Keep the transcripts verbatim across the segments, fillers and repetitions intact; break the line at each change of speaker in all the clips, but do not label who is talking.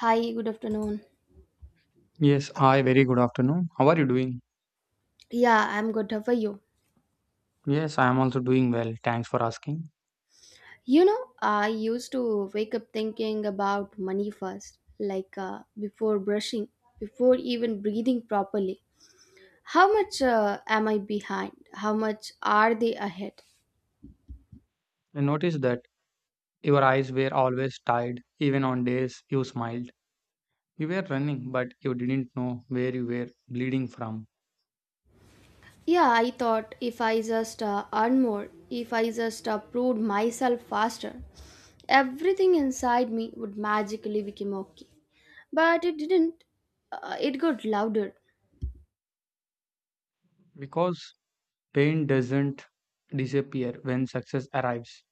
Hi, good afternoon.
Yes, hi, very good afternoon. How are you doing?
Yeah, I'm good. How are you?
Yes, I am also doing well. Thanks for asking.
You know, I used to wake up thinking about money first, like uh, before brushing, before even breathing properly. How much uh, am I behind? How much are they ahead?
I noticed that your eyes were always tired, even on days you smiled. You were running, but you didn't know where you were bleeding from.
Yeah, I thought if I just uh, earn more, if I just uh, proved myself faster, everything inside me would magically become okay. But it didn't. Uh, it got louder.
Because pain doesn't disappear when success arrives,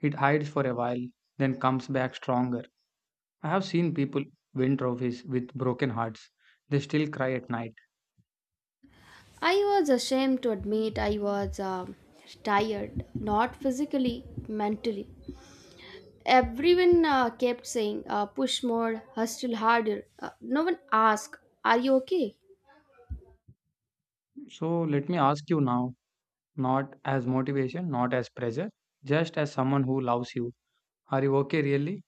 it hides for a while, then comes back stronger. I have seen people win trophies with broken hearts, they still cry at night.
I was ashamed to admit I was um tired, not physically, mentally. Everyone uh, kept saying, uh, push more, hustle harder. Uh, no one asked, are you okay?
So, let me ask you now, not as motivation, not as pressure, just as someone who loves you. Are you okay, really?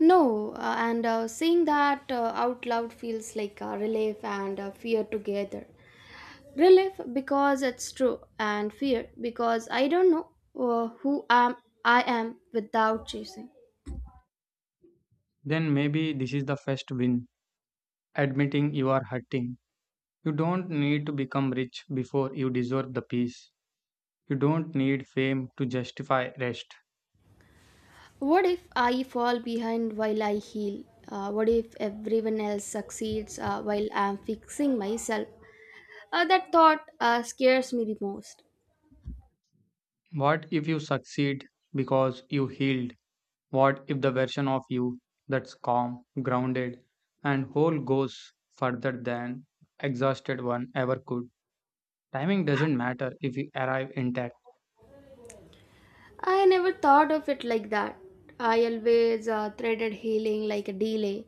No, uh, and uh, saying that uh, out loud feels like uh, relief and uh, fear together. Relief because it's true, and fear because I don't know uh, who am I am without chasing.
Then maybe this is the first win. Admitting you are hurting. You don't need to become rich before you deserve the peace. You don't need fame to justify rest.
What if I fall behind while I heal? Uh, what if everyone else succeeds uh, while I'm fixing myself? Uh, that thought uh, scares me the most.
What if you succeed because you healed? What if the version of you that's calm, grounded, and whole goes further than exhausted one ever could? Timing doesn't matter if you arrive intact.
I never thought of it like that. I always uh, treated healing like a delay,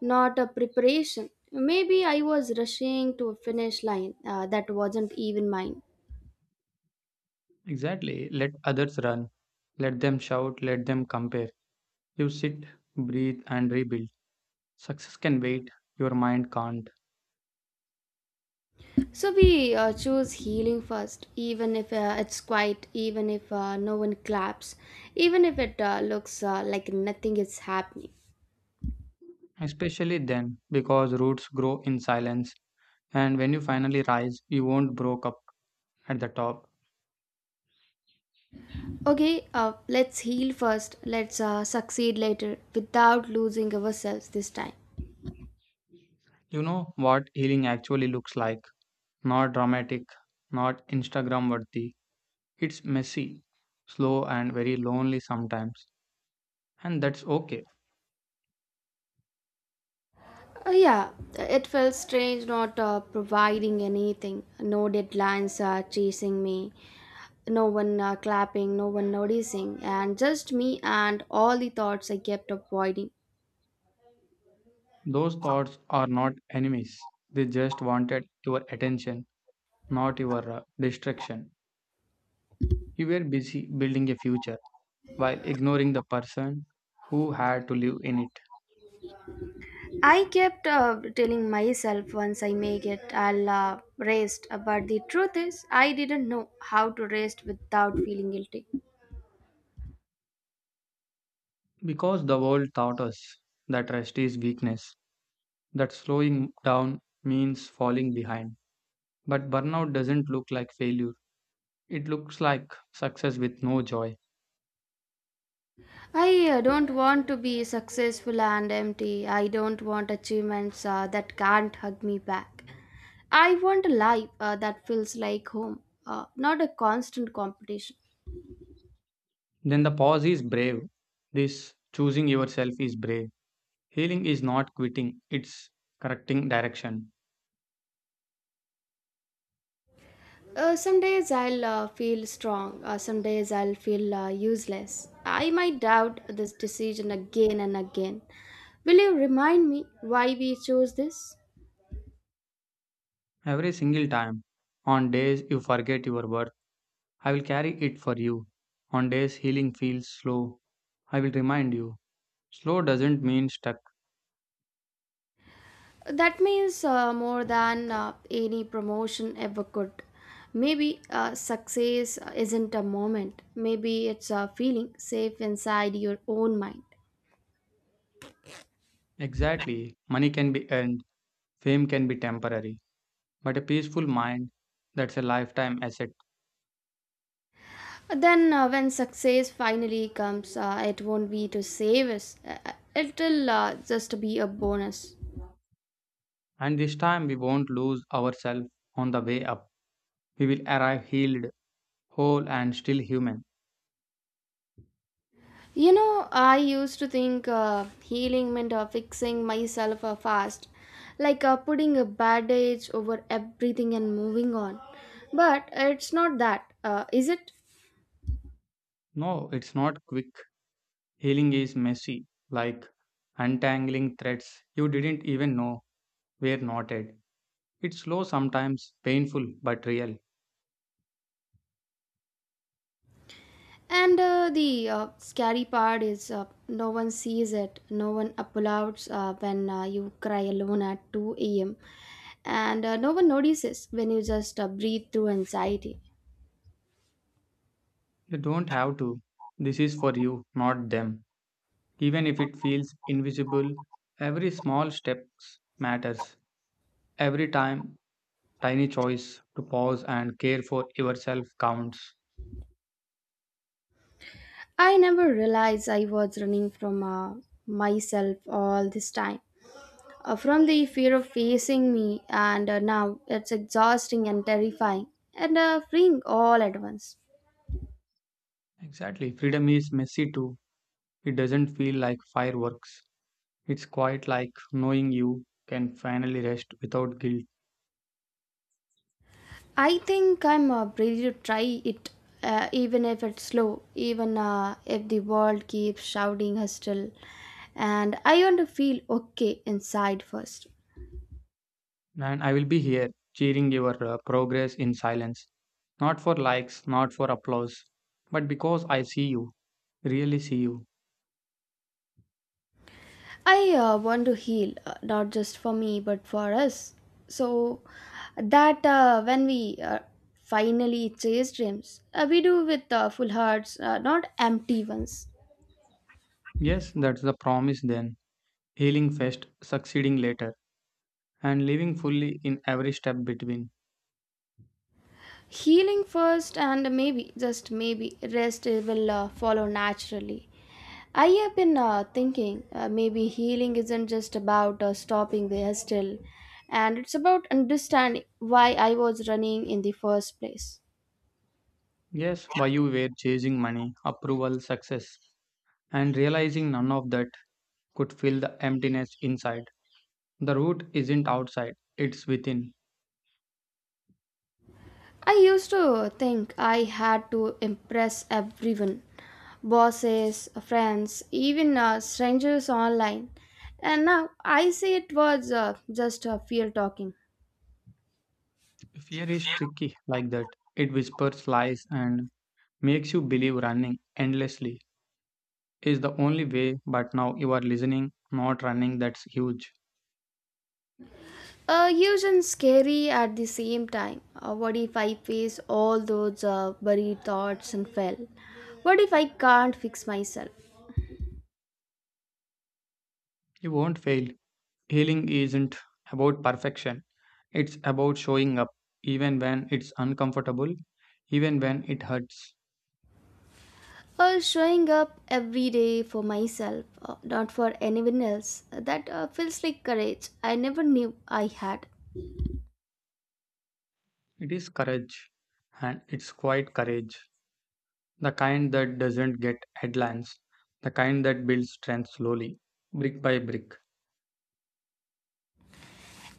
not a preparation. Maybe I was rushing to a finish line uh, that wasn't even mine.
Exactly. Let others run. Let them shout. Let them compare. You sit, breathe, and rebuild. Success can wait. Your mind can't.
So we uh, choose healing first, even if uh, it's quiet, even if uh, no one claps, even if it uh, looks uh, like nothing is happening.
Especially then, because roots grow in silence. And when you finally rise, you won't broke up at the top.
Okay, uh, let's heal first, let's uh, succeed later without losing ourselves this time.
You know what healing actually looks like. Not dramatic, not Instagram worthy. It's messy, slow, and very lonely sometimes. And that's okay.
Uh, yeah, it felt strange not uh, providing anything, no deadlines uh, chasing me, no one uh, clapping, no one noticing, and just me and all the thoughts I kept avoiding.
Those thoughts are not enemies. They just wanted your attention, not your uh, distraction. You were busy building a future while ignoring the person who had to live in it.
I kept uh, telling myself once I make it, I'll uh, rest. uh, But the truth is, I didn't know how to rest without feeling guilty.
Because the world taught us that rest is weakness, that slowing down means falling behind. But burnout doesn't look like failure, it looks like success with no joy.
I uh, don't want to be successful and empty. I don't want achievements uh, that can't hug me back. I want a life uh, that feels like home, uh, not a constant competition.
Then the pause is brave. This choosing yourself is brave. Healing is not quitting, it's correcting direction.
Uh, some days I'll uh, feel strong, uh, some days I'll feel uh, useless. I might doubt this decision again and again. Will you remind me why we chose this?
Every single time, on days you forget your worth, I will carry it for you. On days healing feels slow, I will remind you. Slow doesn't mean stuck.
That means uh, more than uh, any promotion ever could. Maybe uh, success isn't a moment, maybe it's a feeling safe inside your own mind.
Exactly, money can be earned, fame can be temporary, but a peaceful mind, that's a lifetime asset.
Then, uh, when success finally comes, uh, it won't be to save us, uh, uh, it'll uh, just be a bonus.
And this time we won't lose ourselves on the way up. We will arrive healed, whole, and still human.
You know, I used to think uh, healing meant uh, fixing myself uh, fast, like uh, putting a bandage over everything and moving on. But it's not that, uh, is it?
No, it's not quick. Healing is messy, like untangling threads you didn't even know were knotted. It's slow sometimes, painful, but real.
And uh, the uh, scary part is uh, no one sees it, no one applauds uh, when uh, you cry alone at two a m, and uh, no one notices when you just uh, breathe through anxiety.
You don't have to. This is for you, not them. Even if it feels invisible, every small step matters. Every time, tiny choice to pause and care for yourself counts.
I never realized I was running from uh, myself all this time. Uh, from the fear of facing me, and uh, now it's exhausting and terrifying, and uh, freeing all at once.
Exactly. Freedom is messy too. It doesn't feel like fireworks. It's quite like knowing you can finally rest without guilt.
I think I'm uh, ready to try it, uh, even if it's slow, even uh, if the world keeps shouting hostile, and I want to feel okay inside first.
And I will be here cheering your uh, progress in silence. Not for likes, not for applause, but because I see you, really see you.
I uh, want to heal, uh, not just for me, but for us. So that uh, when we uh, finally chase dreams, uh, we do with uh, full hearts, uh, not empty ones.
Yes, that's the promise then. Healing first, succeeding later, and living fully in every step between.
Healing first, and maybe, just maybe, rest will uh, follow naturally. I have been uh, thinking uh, maybe healing isn't just about uh, stopping the still, and it's about understanding why I was running in the first place.
Yes, why you were chasing money, approval, success, and realizing none of that could fill the emptiness inside. The root isn't outside, it's within.
I used to think I had to impress everyone: bosses, friends, even uh, strangers online. And now I see it was uh, just uh, fear talking.
Fear is tricky like that. It whispers lies and makes you believe running endlessly is the only way, but now you are listening, not running. That's huge.
Uh, huge and scary at the same time. Uh, what if I face all those uh, buried thoughts and fail? What if I can't fix myself?
You won't fail. Healing isn't about perfection, it's about showing up, even when it's uncomfortable, even when it hurts.
Uh, showing up every day for myself, uh, not for anyone else, that uh, feels like courage I never knew I had.
It is courage, and it's quite courage, the kind that doesn't get headlines, the kind that builds strength slowly, brick by brick.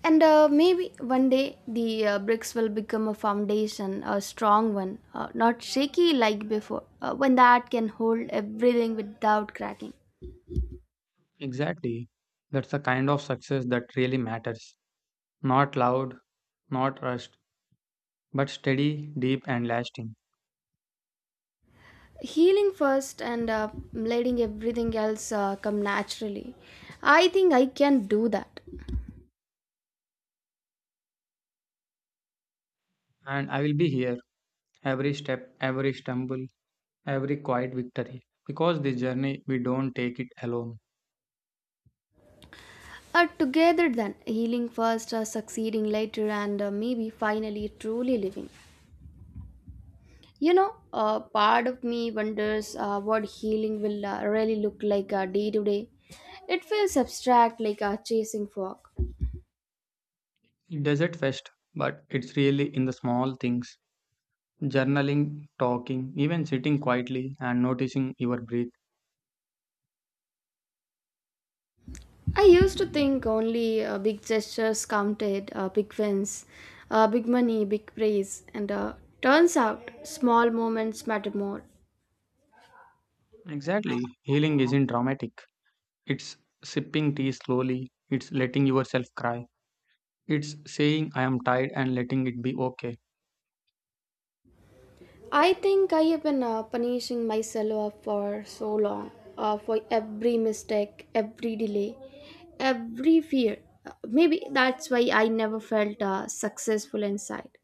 And uh, maybe one day the uh, bricks will become a foundation, a strong one, uh, not shaky like before, uh, when that can hold everything without cracking.
Exactly. That's the kind of success that really matters. Not loud, not rushed, but steady, deep, and lasting.
Healing first and uh, letting everything else uh, come naturally. I think I can do that.
And I will be here every step, every stumble, every quiet victory. Because this journey, we don't take it alone.
Are together then, healing first, uh, succeeding later, and uh, maybe finally truly living. You know, uh, part of me wonders uh, what healing will uh, really look like uh, day to day. It feels abstract, like uh, chasing fog.
It doesn't fest, but it's really in the small things, journaling, talking, even sitting quietly and noticing your breath.
I used to think only uh, big gestures counted, uh, big wins, uh, big money, big praise, and uh, turns out small moments matter more.
Exactly. Healing isn't dramatic, it's sipping tea slowly, it's letting yourself cry. It's saying I am tired and letting it be okay.
I think I have been uh, punishing myself for so long, uh, for every mistake, every delay, every fear. Uh, Maybe that's why I never felt uh, successful inside.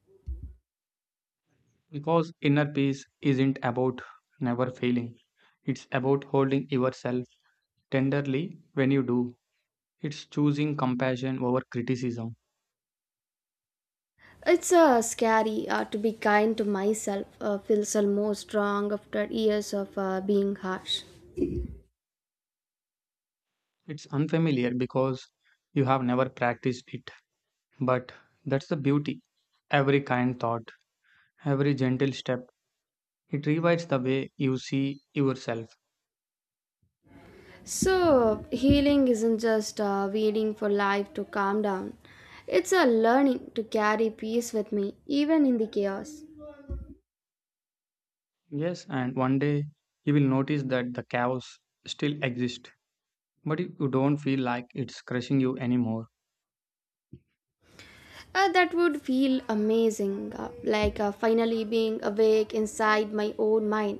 Because inner peace isn't about never failing, it's about holding yourself tenderly when you do. It's choosing compassion over criticism.
It's uh, scary uh, to be kind to myself, uh, feels almost wrong after years of uh, being harsh.
It's unfamiliar because you have never practiced it. But that's the beauty. Every kind thought, every gentle step, it rewrites the way you see yourself.
So, healing isn't just uh, waiting for life to calm down, it's a learning to carry peace with me, even in the chaos.
Yes, and one day you will notice that the chaos still exists, but if you don't feel like it's crushing you anymore.
Uh, that would feel amazing, uh, like uh, finally being awake inside my own mind,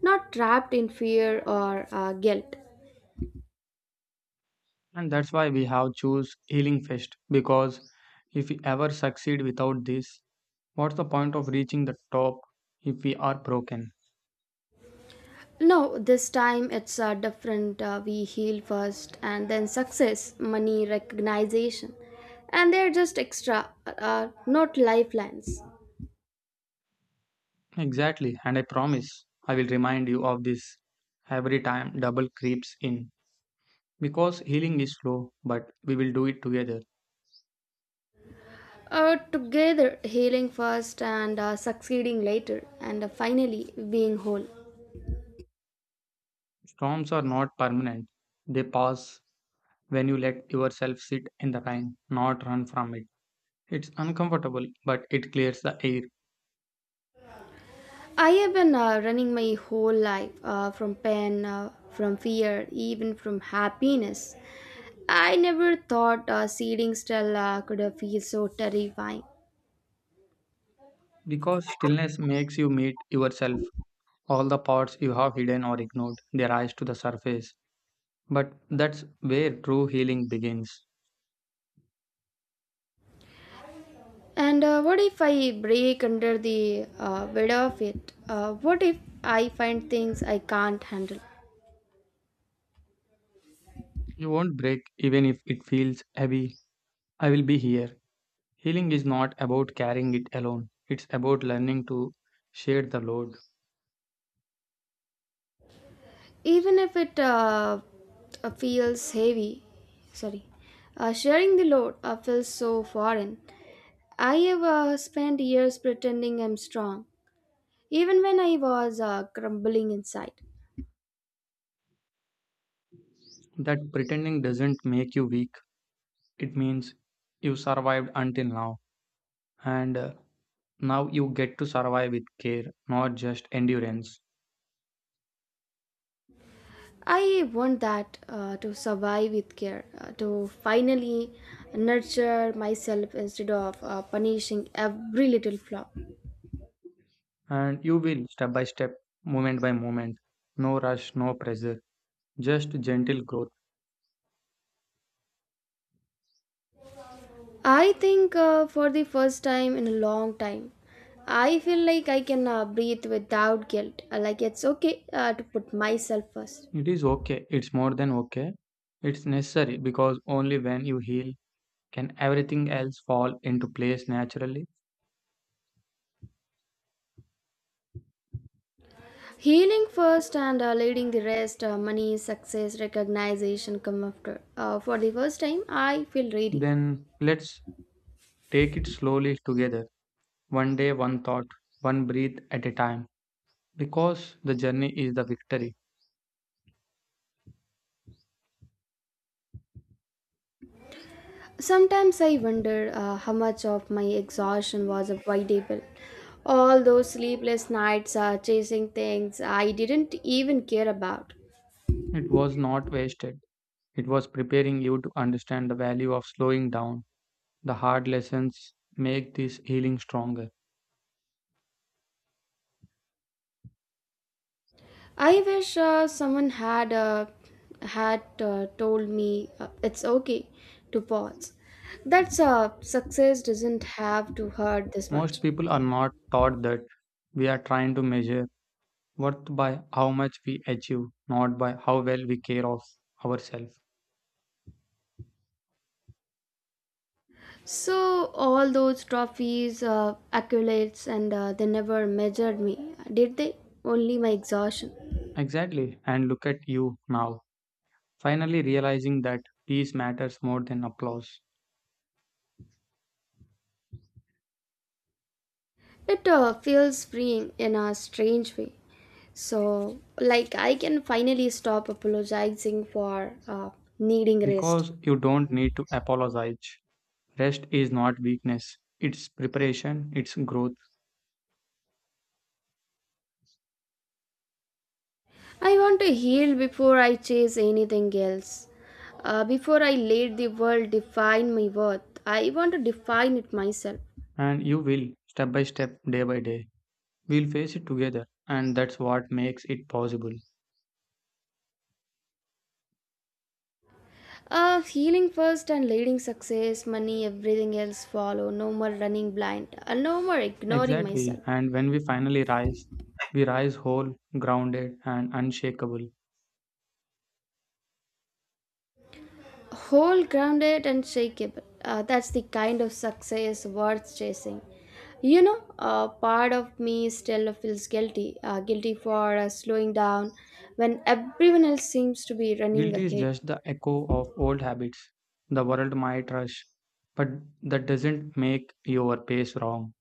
not trapped in fear or uh, guilt.
And that's why we have choose healing first, because if we ever succeed without this, what's the point of reaching the top if we are broken?
No, this time it's uh, different. Uh, we heal first, and then success, money, recognition. And they're just extra, uh, not lifelines.
Exactly, and I promise I will remind you of this every time double creeps in, because healing is slow, but we will do it together.
Uh, together, healing first and uh, succeeding later, and uh, finally being whole.
Storms are not permanent, they pass when you let yourself sit in the rain, not run from it. It's uncomfortable, but it clears the air.
I have been uh, running my whole life uh, from pain, uh, from fear, even from happiness. I never thought uh, sitting still uh, could uh, feel so terrifying.
Because stillness makes you meet yourself. All the parts you have hidden or ignored, they rise to the surface. But that's where true healing begins.
And uh, what if I break under the uh, weight of it? Uh, what if I find things I can't handle?
You won't break even if it feels heavy. I will be here. Healing is not about carrying it alone, it's about learning to share the load.
Even if it uh, uh, feels heavy, sorry, uh, sharing the load uh, feels so foreign. I have uh, spent years pretending I'm strong even when I was uh, crumbling inside.
That pretending doesn't make you weak, it means you survived until now. And uh, now you get to survive with care, not just endurance.
I want that uh, to survive with care, uh, to finally nurture myself instead of uh, punishing every little flaw.
And you will, step by step, moment by moment. No rush, no pressure, just gentle growth.
I think uh, for the first time in a long time, I feel like I can uh, breathe without guilt, uh, like it's okay uh, to put myself first.
It is okay, it's more than okay. It's necessary because only when you heal can everything else fall into place naturally.
Healing first and uh, leading the rest, uh, money, success, recognition come after. Uh, for the first time, I feel ready.
Then let's take it slowly together, one day, one thought, one breath at a time. Because the journey is the victory,
Sometimes I wonder uh, how much of my exhaustion was avoidable. All those sleepless nights uh, chasing things I didn't even care about.
it was not wasted. It was preparing you to understand the value of slowing down. The hard lessons make this healing stronger.
I wish uh, someone had uh, had uh, told me uh, it's okay to pause. That's uh, success doesn't have to hurt this
Most
much.
people are not taught that. We are trying to measure worth by how much we achieve, not by how well we care of ourselves.
So all those trophies, uh, accolades, and uh, they never measured me, did they? Only my exhaustion.
Exactly. And look at you now, finally realizing that peace matters more than applause.
It uh, feels freeing in a strange way. So, like, I can finally stop apologizing for uh, needing rest.
Because you don't need to apologize. Rest is not weakness, it's preparation, it's growth.
I want to heal before I chase anything else. Uh, before I let the world define my worth, I want to define it myself.
And you will, step by step, day by day. We'll face it together, and that's what makes it possible.
Uh, healing first and leading success, money, everything else follow. No more running blind, and no more ignoring
Exactly.
myself.
And when we finally rise, we rise whole, grounded, and unshakable.
Whole grounded and shakeable. Uh, that's the kind of success worth chasing. You know, uh, part of me still feels guilty, uh, guilty for uh, slowing down when everyone else seems to be running
Guilt is
ahead.
just the echo of old habits. The world might rush, but that doesn't make your pace wrong.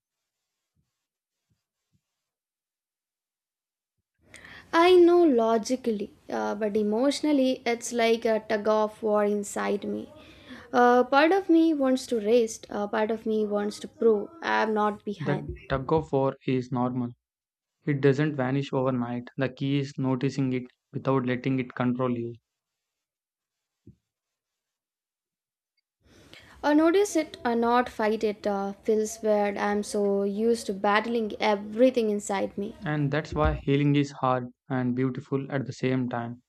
I know logically, uh, but emotionally, it's like a tug of war inside me. Uh, part of me wants to rest, uh, part of me wants to prove I'm not
That
behind.
tug of war is normal. It doesn't vanish overnight. The key is noticing it without letting it control you.
Or notice it or not fight it uh, feels weird. I'm so used to battling everything inside me.
And that's why healing is hard and beautiful at the same time.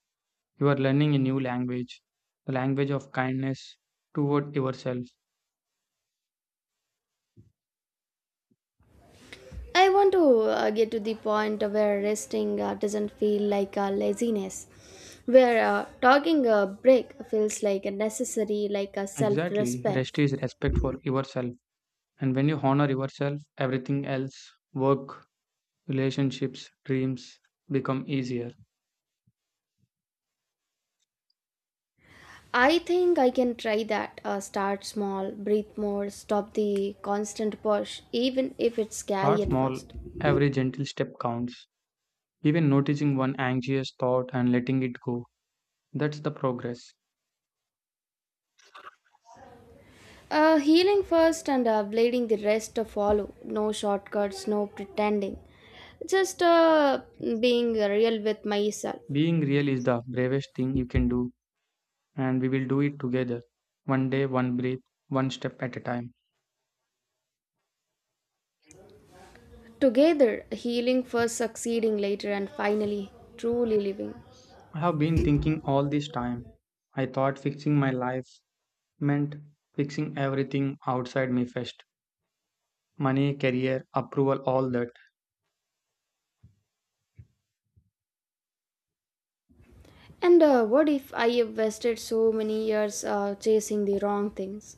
You are learning a new language, the language of kindness toward yourself.
I want to uh, get to the point where resting uh, doesn't feel like uh, laziness, where uh, talking a break feels like a necessary, like a self
Exactly. Rest
respect.
is respect for yourself. And when you honor yourself, everything else, work, relationships, dreams, become easier.
I think I can try that. Uh, start small, breathe more, stop the constant push, even if it's
Start
scary at
small.
first.
Every gentle step counts. Even noticing one anxious thought and letting it go. That's the progress.
Uh, healing first and uh, bleeding the rest to follow. No shortcuts, no pretending. Just uh, being real with myself.
Being real is the bravest thing you can do, and we will do it together. One day, one breath, one step at a time.
Together, healing first, succeeding later, and finally, truly living.
I have been thinking all this time. I thought fixing my life meant fixing everything outside me first, money, career, approval, all that.
And uh, what if I have wasted so many years uh, chasing the wrong things?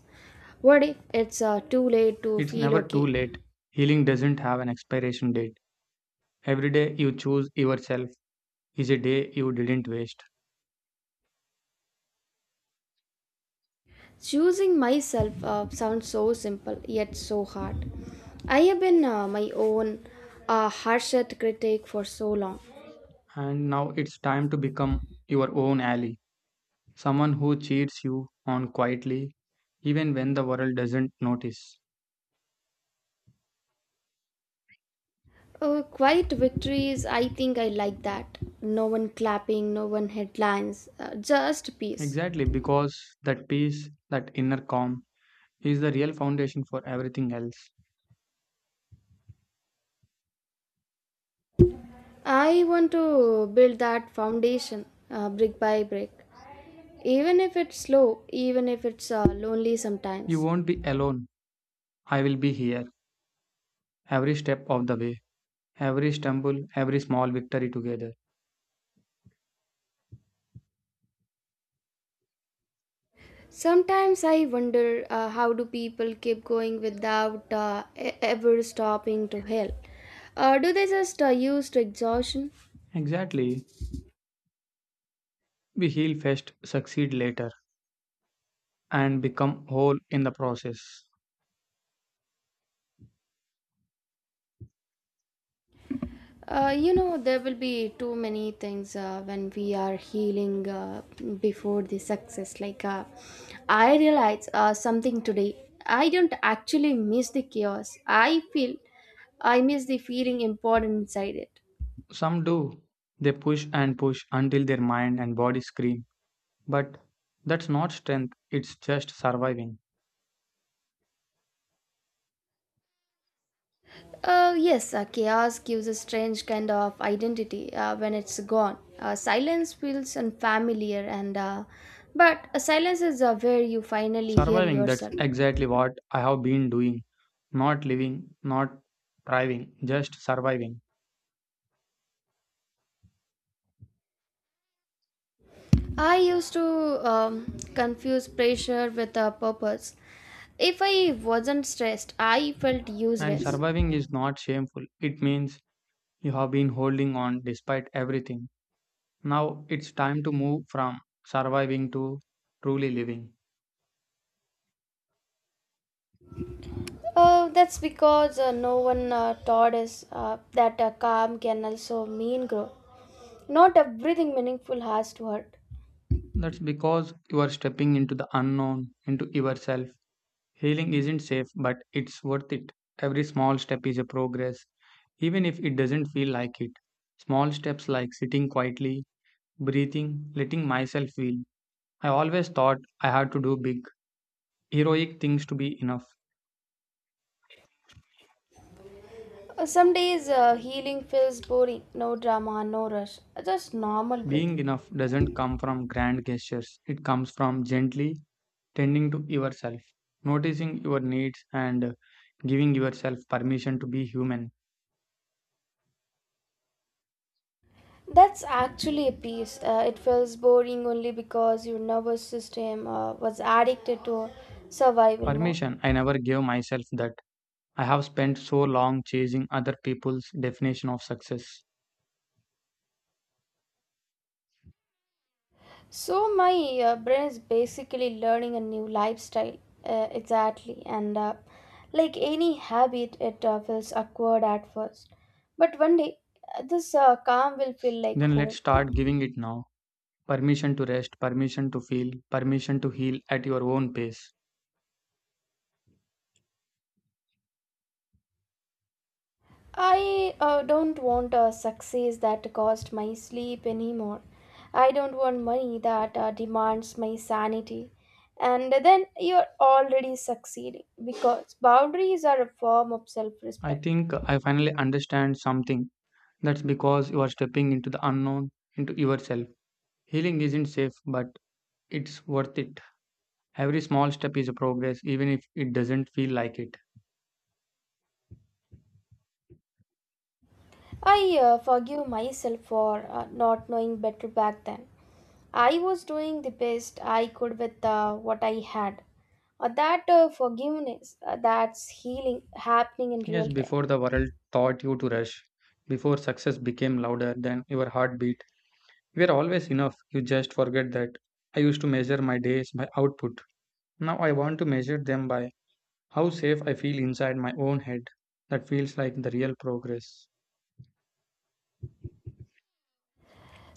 What if it's uh, too late to
It's
feel
never too
okay?
late. Healing doesn't have an expiration date. Every day you choose yourself is a day you didn't waste.
Choosing myself uh, sounds so simple yet so hard. I have been uh, my own uh, harshest critic for so long.
And now it's time to become your own ally, someone who cheers you on quietly, even when the world doesn't notice.
Uh, quiet victories, I think I like that. No one clapping, no one headlines, uh, just peace.
Exactly, because that peace, that inner calm, is the real foundation for everything else.
I want to build that foundation uh, brick by brick, even if it's slow, even if it's uh, lonely
You
sometimes.
won't be alone. I will be here every step of the way, every stumble, every small victory together.
Sometimes I wonder uh, how do people keep going without uh, e- ever stopping to help? Uh, do they just uh, use to exhaustion?
Exactly. We heal first, succeed later, and become whole in the process.
Uh, you know, there will be too many things uh, when we are healing uh, before the success. Like, uh, I realize uh, something today. I don't actually miss the chaos. I feel I miss the feeling important inside it.
Some do. They push and push until their mind and body scream. But that's not strength, it's just surviving.
Uh, yes, uh, chaos gives a strange kind of identity uh, when it's gone. Uh, silence feels unfamiliar, and uh, but uh, silence is uh, where you finally hear
Surviving, that's
yourself.
exactly what I have been doing. Not living, not thriving, just surviving.
I used to um, confuse pressure with a purpose. If I wasn't stressed, I felt
And
useless.
surviving is not shameful. It means you have been holding on despite everything. Now it's time to move from surviving to truly living.
Uh, that's because uh, no one uh, taught us uh, that uh, calm can also mean growth. Not everything meaningful has to hurt.
That's because you are stepping into the unknown, into yourself. Healing isn't safe, but it's worth it. Every small step is a progress, even if it doesn't feel like it. Small steps like sitting quietly, breathing, letting myself feel. I always thought I had to do big, heroic things to be enough.
Uh, Some days uh, healing feels boring, no drama, no rush, just normal breathing.
Being enough doesn't come from grand gestures, it comes from gently tending to yourself, noticing your needs, and giving yourself permission to be human.
That's actually a peace. Uh, it feels boring only because your nervous system uh, was addicted to survival mode.
Permission, I never gave myself that. I have spent so long chasing other people's definition of success.
So, my uh, brain is basically learning a new lifestyle. Uh, exactly. And uh, like any habit, it uh, feels awkward at first. But one day, uh, this uh, calm will feel like
Then let's
home.
start giving it now. Permission to rest, permission to feel, permission to heal at your own pace.
I uh, don't want a success that cost my sleep anymore. I don't want money that uh, demands my sanity. And then you're already succeeding because boundaries are a form of self
I
respect.
think I finally understand something. That's because you are stepping into the unknown, into yourself. Healing isn't safe, but it's worth it. Every small step is a progress, even if it doesn't feel like it.
I uh, forgive myself for uh, not knowing better back then. I was doing the best I could with uh, what I had. Uh, that uh, forgiveness, uh, that's healing happening in
Yes,
real time.
before the world taught you to rush, before success became louder than your heartbeat. We're always enough. You just forget that. I used to measure my days by output. Now I want to measure them by how safe I feel inside my own head. That feels like the real progress.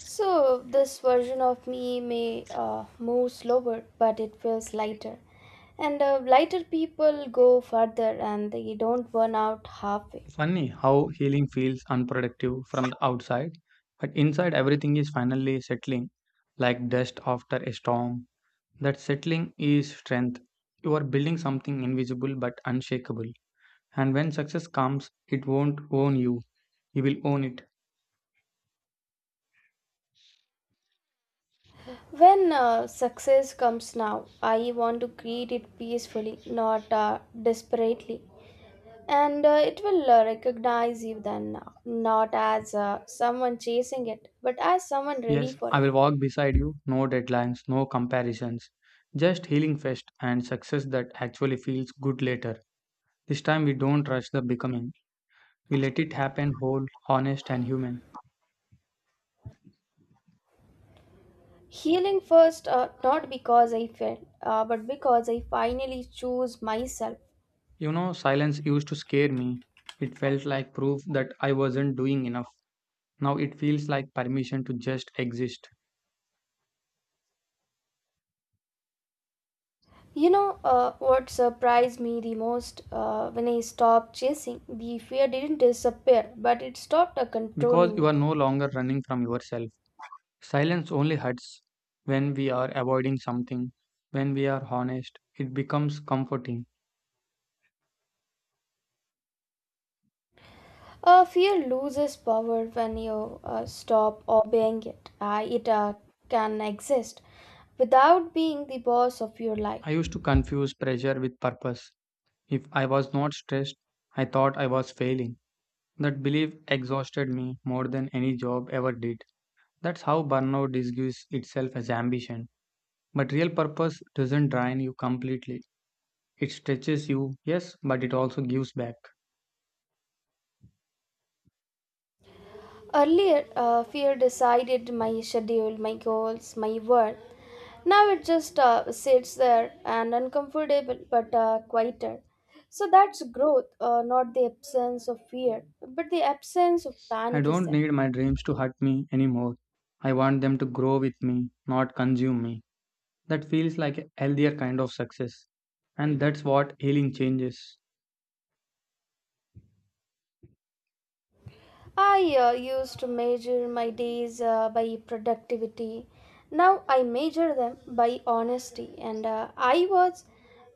So, this version of me may uh, move slower, but it feels lighter. And uh, lighter people go further and they don't burn out halfway.
Funny how healing feels unproductive from the outside, but inside everything is finally settling like dust after a storm. That settling is strength. You are building something invisible but unshakable. And when success comes, it won't own you. You will own it.
When uh, success comes now, I want to create it peacefully, not uh, desperately. And uh, it will uh, recognize you then now, not as uh, someone chasing it, but as someone ready
Yes,
for
I
it.
will walk beside you. No deadlines, no comparisons. Just healing first and success that actually feels good later. This time we don't rush the becoming. We let it happen whole, honest, and human.
Healing first, uh, not because I failed, uh, but because I finally chose myself.
You know, silence used to scare me. It felt like proof that I wasn't doing enough. Now it feels like permission to just exist,
You know uh, what surprised me the most uh, when I stopped chasing? The fear didn't disappear, but it stopped uh,
because
controlling
you
me.
are no longer running from yourself. Silence only hurts when we are avoiding something. When we are honest, it becomes comforting.
Uh, fear loses power when you uh, stop obeying it. Uh, it uh, can exist without being the boss of your life.
I used to confuse pressure with purpose. If I was not stressed, I thought I was failing. That belief exhausted me more than any job ever did. That's how burnout disguises itself as ambition. But real purpose doesn't drain you completely. It stretches you, yes, but it also gives back.
Earlier, uh, fear decided my schedule, my goals, my work. Now it just uh, sits there and uncomfortable but uh, quieter. So that's growth, uh, not the absence of fear, but the absence of
I
panic is
don't
there.
need my dreams to hurt me anymore. I want them to grow with me, not consume me. That feels like a healthier kind of success. And that's what healing changes.
I uh, used to measure my days uh, by productivity. Now I measure them by honesty. And uh, I was,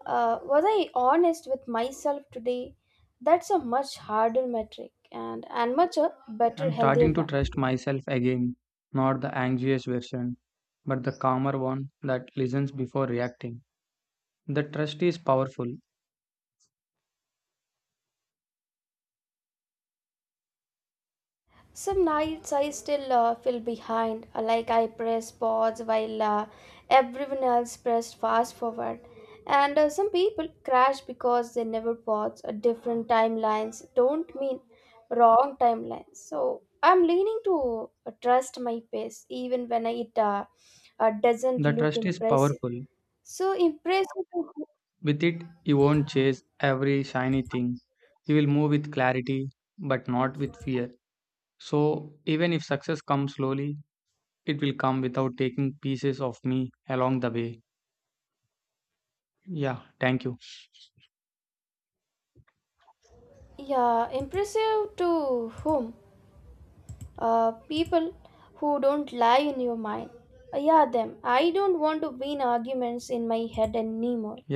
uh, was I honest with myself today? That's a much harder metric and and much a better,
I'm
healthier
starting to
one.
trust myself again, not the anxious version, but the calmer one that listens before reacting. The trust is powerful.
Some nights I still uh, feel behind, uh, like I press pause while uh, everyone else pressed fast forward. And uh, some people crash because they never pause. Uh, different timelines don't mean wrong timelines. So I'm leaning to uh, trust my pace, even when it uh, uh, doesn't
The
look
trust is
impressive.
powerful.
So impressive, to, who-
With it, you won't chase every shiny thing. You will move with clarity, but not with fear. So, even if success comes slowly, it will come without taking pieces of me along the way. Yeah, thank you.
yeah, impressive to whom? uh, people who don't lie in your mind. Uh, yeah, them. I don't want to win arguments in my head anymore.